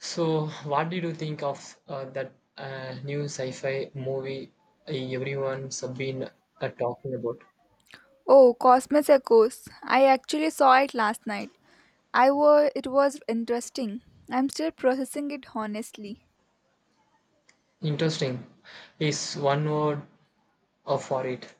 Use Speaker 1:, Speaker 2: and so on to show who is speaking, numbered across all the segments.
Speaker 1: So, what did you think of that new sci-fi movie everyone's been talking about?
Speaker 2: Oh, Cosmos Echoes. I actually saw it last night. I was it was interesting. I'm still processing it honestly.
Speaker 1: Interesting is one word for it.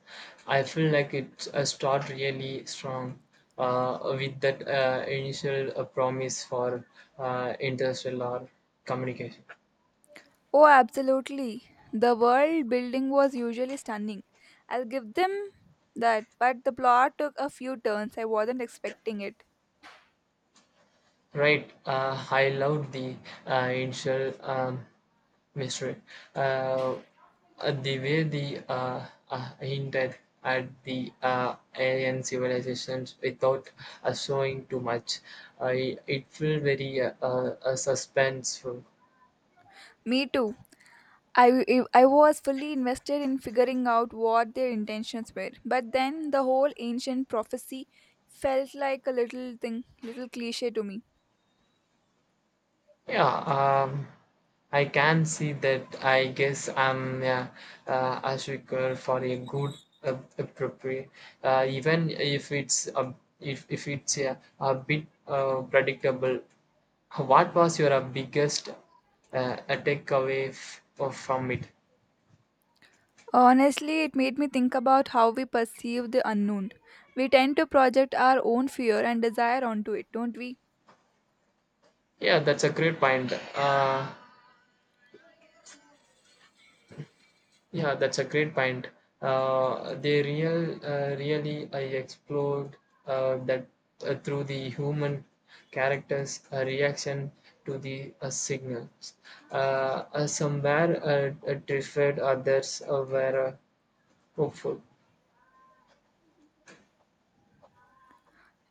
Speaker 1: I feel like it start really strong with that initial promise for interstellar communication.
Speaker 2: Oh, absolutely. The world building was usually stunning. I'll give them that, but the plot took a few turns. I wasn't expecting it.
Speaker 1: Right, I loved the initial mystery. Uh, the way the hinted at the alien civilizations without showing too much, I it felt very suspenseful.
Speaker 2: Me too. I, I was fully invested in figuring out what their intentions were, but then the whole ancient prophecy felt like a little thing, little cliche to me.
Speaker 1: Yeah, I can see that. I guess I'm a sucker for a good appropriate, even if if it's a bit predictable. What was your biggest uh, takeaway from it?
Speaker 2: Honestly, it made me think about how we perceive the unknown. We tend to project our own fear and desire onto it, don't we?
Speaker 1: Yeah, that's a great point. Yeah, that's a great point. They really I explored that through the human characters' reaction to the signals. Uh, some were terrified, others were hopeful.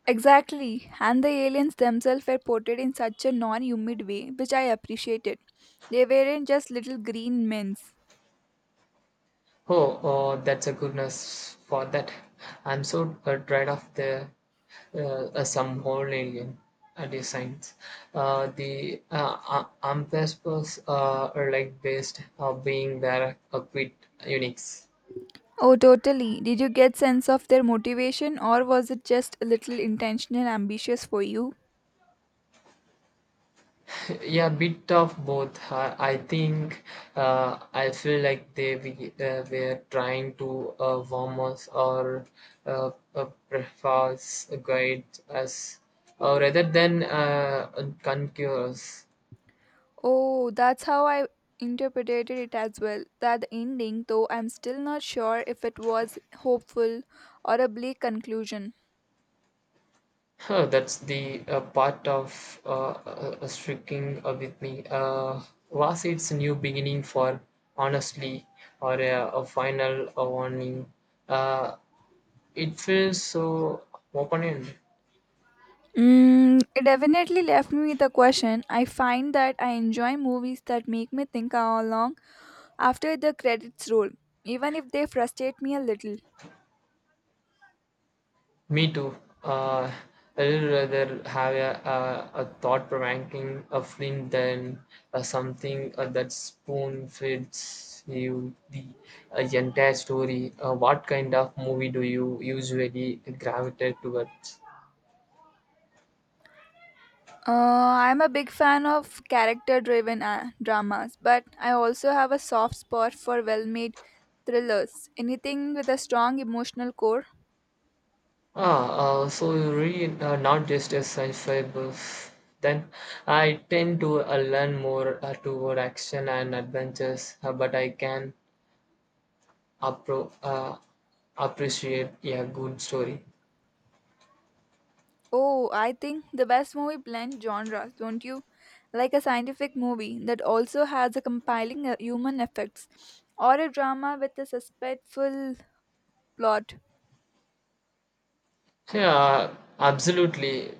Speaker 2: Exactly, and the aliens themselves were portrayed in such a non humid way, which I appreciated. They weren't just little green men.
Speaker 1: Oh, oh, that's a goodness for that. I'm so tired of the some whole alien designs. The are like based of being there, a quit Unix.
Speaker 2: Oh, totally. Did you get sense of their motivation, or was it just a little intentional ambitious for you?
Speaker 1: Yeah, bit of both. I think, I feel like were trying to warm us or preface guide us rather than conquer us.
Speaker 2: Oh, that's how I interpreted it as well. That the ending, though I'm still not sure if it was hopeful or a bleak conclusion.
Speaker 1: Huh, that's the part of striking with me. Was it's a new beginning for honestly or a final warning? Uh, it feels so open-ended.
Speaker 2: Mm, it definitely left me with a question. I find that I enjoy movies that make me think all along after the credits roll, even if they frustrate me a little.
Speaker 1: Me too. Uh, I would rather have a thought-provoking a film than something that spoon-feeds you the entire story. What kind of movie do you usually gravitate towards?
Speaker 2: I'm a big fan of character driven dramas, but I also have a soft spot for well made thrillers. Anything with a strong emotional core.
Speaker 1: Ah, so you really not just a sci-fi buff. Then I tend to learn more toward action and adventures, but I can appro- uh, appreciate a good story.
Speaker 2: Oh, I think the best movie blends genres, don't you? Like a scientific movie that also has a compiling human effects, or a drama with a suspectful plot.
Speaker 1: Yeah, absolutely.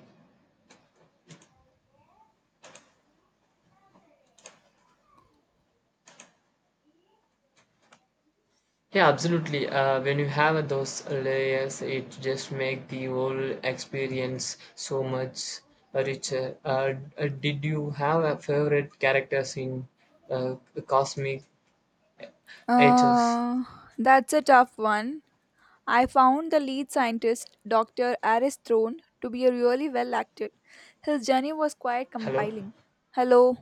Speaker 1: Yeah, absolutely. When you have those layers, it just make the whole experience so much richer. Did you have a favorite characters in uh, Cosmic H's?
Speaker 2: Uh, that's a tough one. I found the lead scientist, Dr. Aris Throne, to be really well acted. His journey was quite
Speaker 1: Hello,
Speaker 2: compelling. Hello,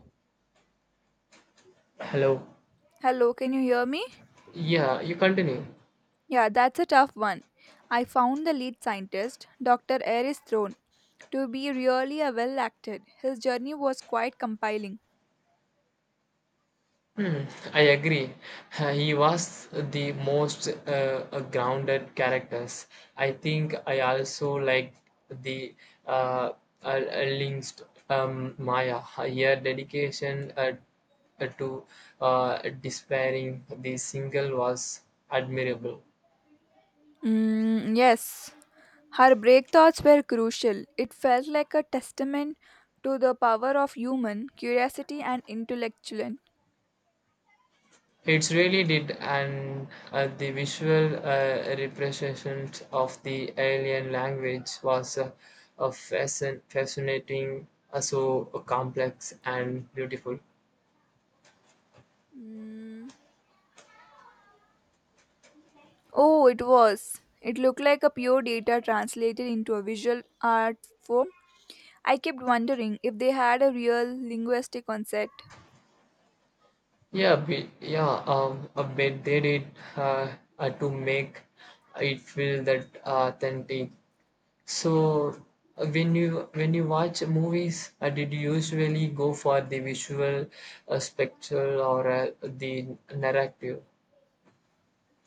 Speaker 1: hello.
Speaker 2: hello, can you hear me?
Speaker 1: Yeah, you continue.
Speaker 2: Yeah, that's a tough one. I found the lead scientist, Dr. Aris Throne, to be really a well acted. His journey was quite compelling.
Speaker 1: Hmm, I agree. He was the most grounded characters. I think I also like the uh, uh, links Maya. Her dedication to despairing the single was admirable.
Speaker 2: Mm, yes, her break thoughts were crucial. It felt like a testament to the power of human curiosity and intellectual.
Speaker 1: It really did, and the visual representation of the alien language was a fascinating, so complex and beautiful.
Speaker 2: Mm. Oh, it was. It looked like a pure data translated into a visual art form. I kept wondering if they had a real linguistic concept.
Speaker 1: Yeah, I bet they did uh, to make it feel that authentic. So when you watch movies, did you usually go for the visual, spectral, or the narrative?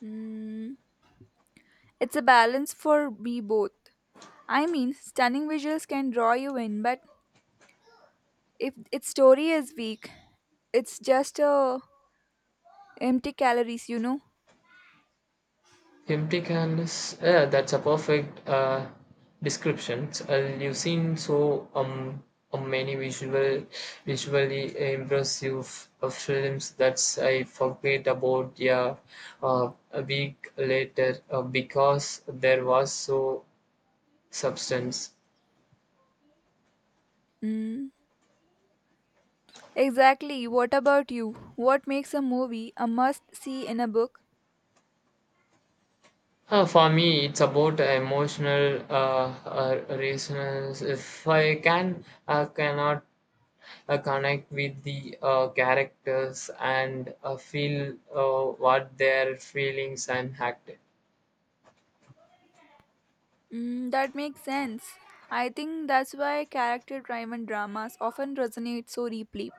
Speaker 2: Mm. It's a balance for me both. I mean, stunning visuals can draw you in, but if its story is weak, it's just empty calories.
Speaker 1: Empty canvas. Yeah, that's a perfect description. You've seen so many visually impressive films that I forget about. Yeah, a week later because there was so substance.
Speaker 2: Mm. Exactly. What about you? What makes a movie a must see in a book?
Speaker 1: For me, it's about emotional reasons. If I can, I cannot connect with the characters and feel what their feelings and act.
Speaker 2: Mm, that makes sense. I think that's why character driven dramas often resonate so deeply.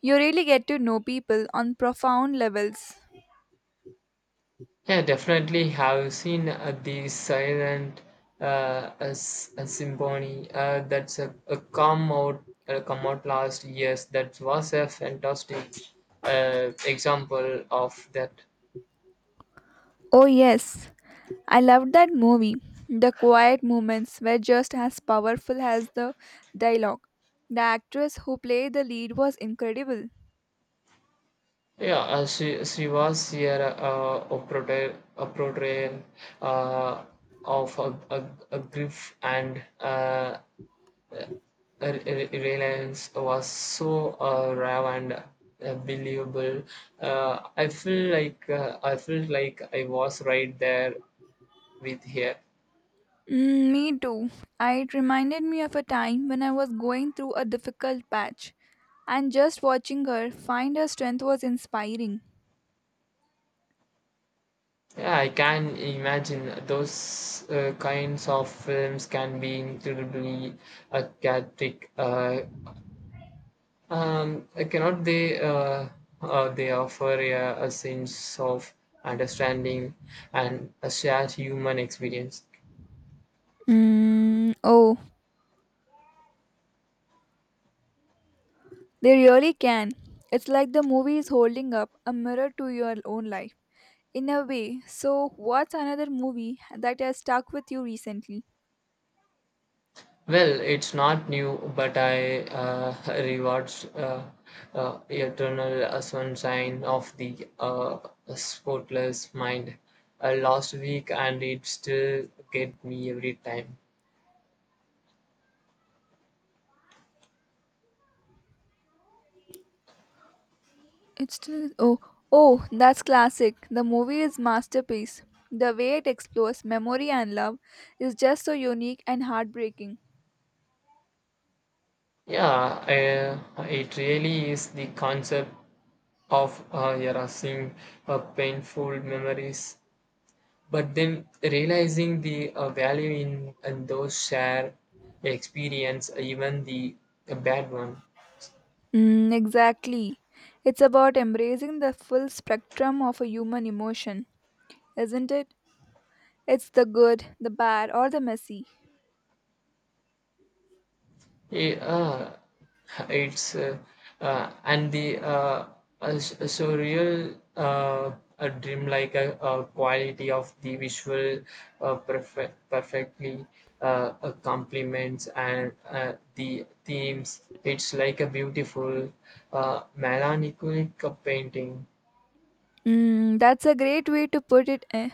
Speaker 2: You really get to know people on profound levels.
Speaker 1: Yeah, definitely have seen the silent a symphony that's a come out last years. That was a fantastic example of that.
Speaker 2: Oh, yes. I loved that movie. The quiet moments were just as powerful as the dialogue. The actress who played the lead was incredible.
Speaker 1: Yeah, she was here a portrayal uh, of a grief and reliance was so raw and believable. I felt like I was right there with her.
Speaker 2: Mm, me too. It reminded me of a time when I was going through a difficult patch, and just watching her find her strength was inspiring.
Speaker 1: Yeah, I can imagine those kinds of films can be incredibly cathartic. Cannot they? They offer a sense of understanding and a shared human experience.
Speaker 2: Mm, oh, they really can. It's like the movie is holding up a mirror to your own life. In a way, so what's another movie that has stuck with you recently?
Speaker 1: Well, it's not new, but I rewards eternal sunshine of the spotless mind last week, and it still get me every time.
Speaker 2: It's still oh, oh, that's classic. The movie is masterpiece. The way it explores memory and love is just so unique and heartbreaking.
Speaker 1: Yeah, it really is the concept of erasing painful memories, but then realizing the value in those shared experience, even the bad one.
Speaker 2: Mm, exactly. It's about embracing the full spectrum of a human emotion, isn't it? It's the good, the bad, or the messy.
Speaker 1: Yeah, it's and the surreal a dreamlike quality of the visual perfectly complements and the themes. It's like a beautiful melancholic painting.
Speaker 2: Mm, that's a great way to put it. Eh.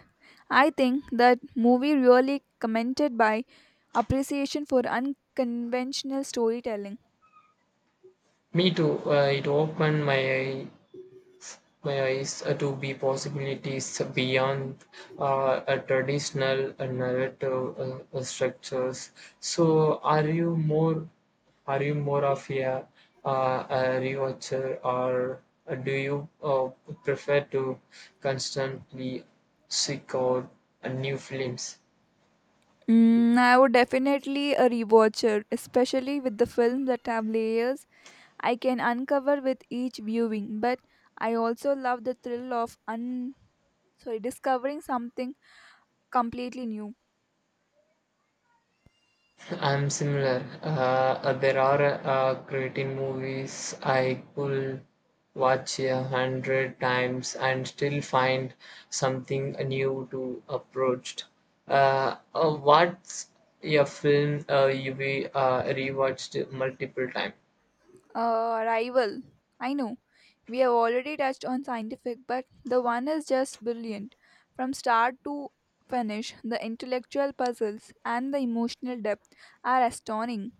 Speaker 2: I think that movie really commented by appreciation for unconventional storytelling.
Speaker 1: Me too. It opened my eyes to be possibilities beyond a traditional narrative structures. So, are you more of a rewatcher or do you prefer to constantly seek out new films?
Speaker 2: Mm, I would definitely a rewatcher, especially with the films that have layers I can uncover with each viewing. But I also love the thrill of sorry discovering something completely new.
Speaker 1: I'm similar. There are creative movies I could watch 100 times and still find something new to approach. What's a film rewatched multiple times?
Speaker 2: Rival, I know we have already touched on scientific but the one is just brilliant from start to finish. The intellectual puzzles and the emotional depth are astounding.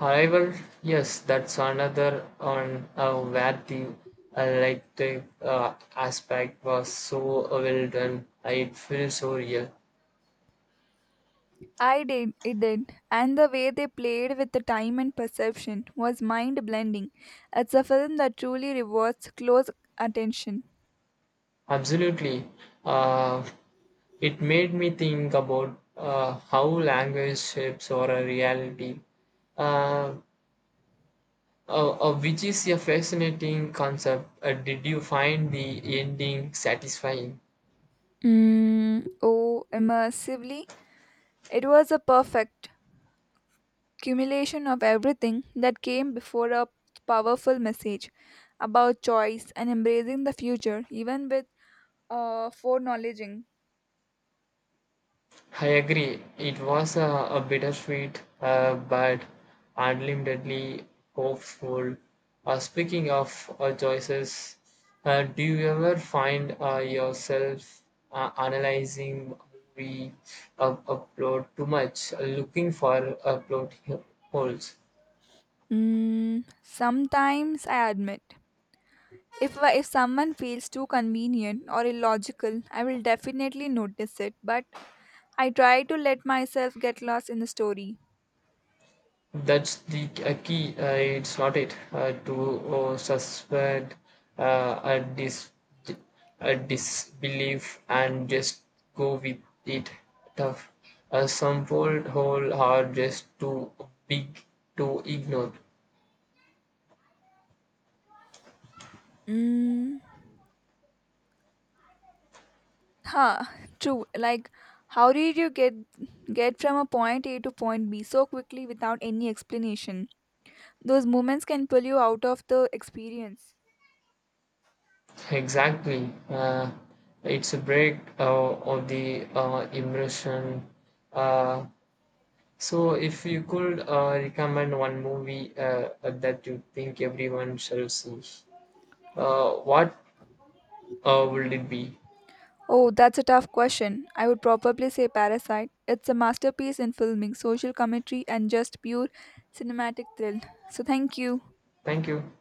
Speaker 1: However, yes, that's another on where the like the aspect was so well done. It feels so real.
Speaker 2: I did, it did, and the way they played with the time and perception was mind blending. It's a film that truly rewards close attention.
Speaker 1: Absolutely. Uh, it made me think about how language shapes our reality, uh, which is a fascinating concept. Did you find the ending satisfying?
Speaker 2: Mm, oh, immersively it was a perfect accumulation of everything that came before, a powerful message about choice and embracing the future, even with foreknowledging.
Speaker 1: I agree. It was a bittersweet but unlimitedly hopeful. Speaking of choices, do you ever find yourself analyzing movie upload too much, looking for upload holes?
Speaker 2: Mm, sometimes I admit, if if someone feels too convenient or illogical, I will definitely notice it. But I try to let myself get lost in the story.
Speaker 1: That's the a key. It's not it to suspend uh, a dis a disbelief and just go with it. Tough. Some old hole are just too big to ignore.
Speaker 2: Mm, huh? True. Like, how did you get from a point A to point B so quickly without any explanation? Those moments can pull you out of the experience.
Speaker 1: Exactly. It's a break of the immersion. Uh, so, if you could recommend one movie that you think everyone shall see. What will it be?
Speaker 2: Oh, that's a tough question. I would probably say Parasite. It's a masterpiece in filming, social commentary, and just pure cinematic thrill. So, thank you.
Speaker 1: Thank you.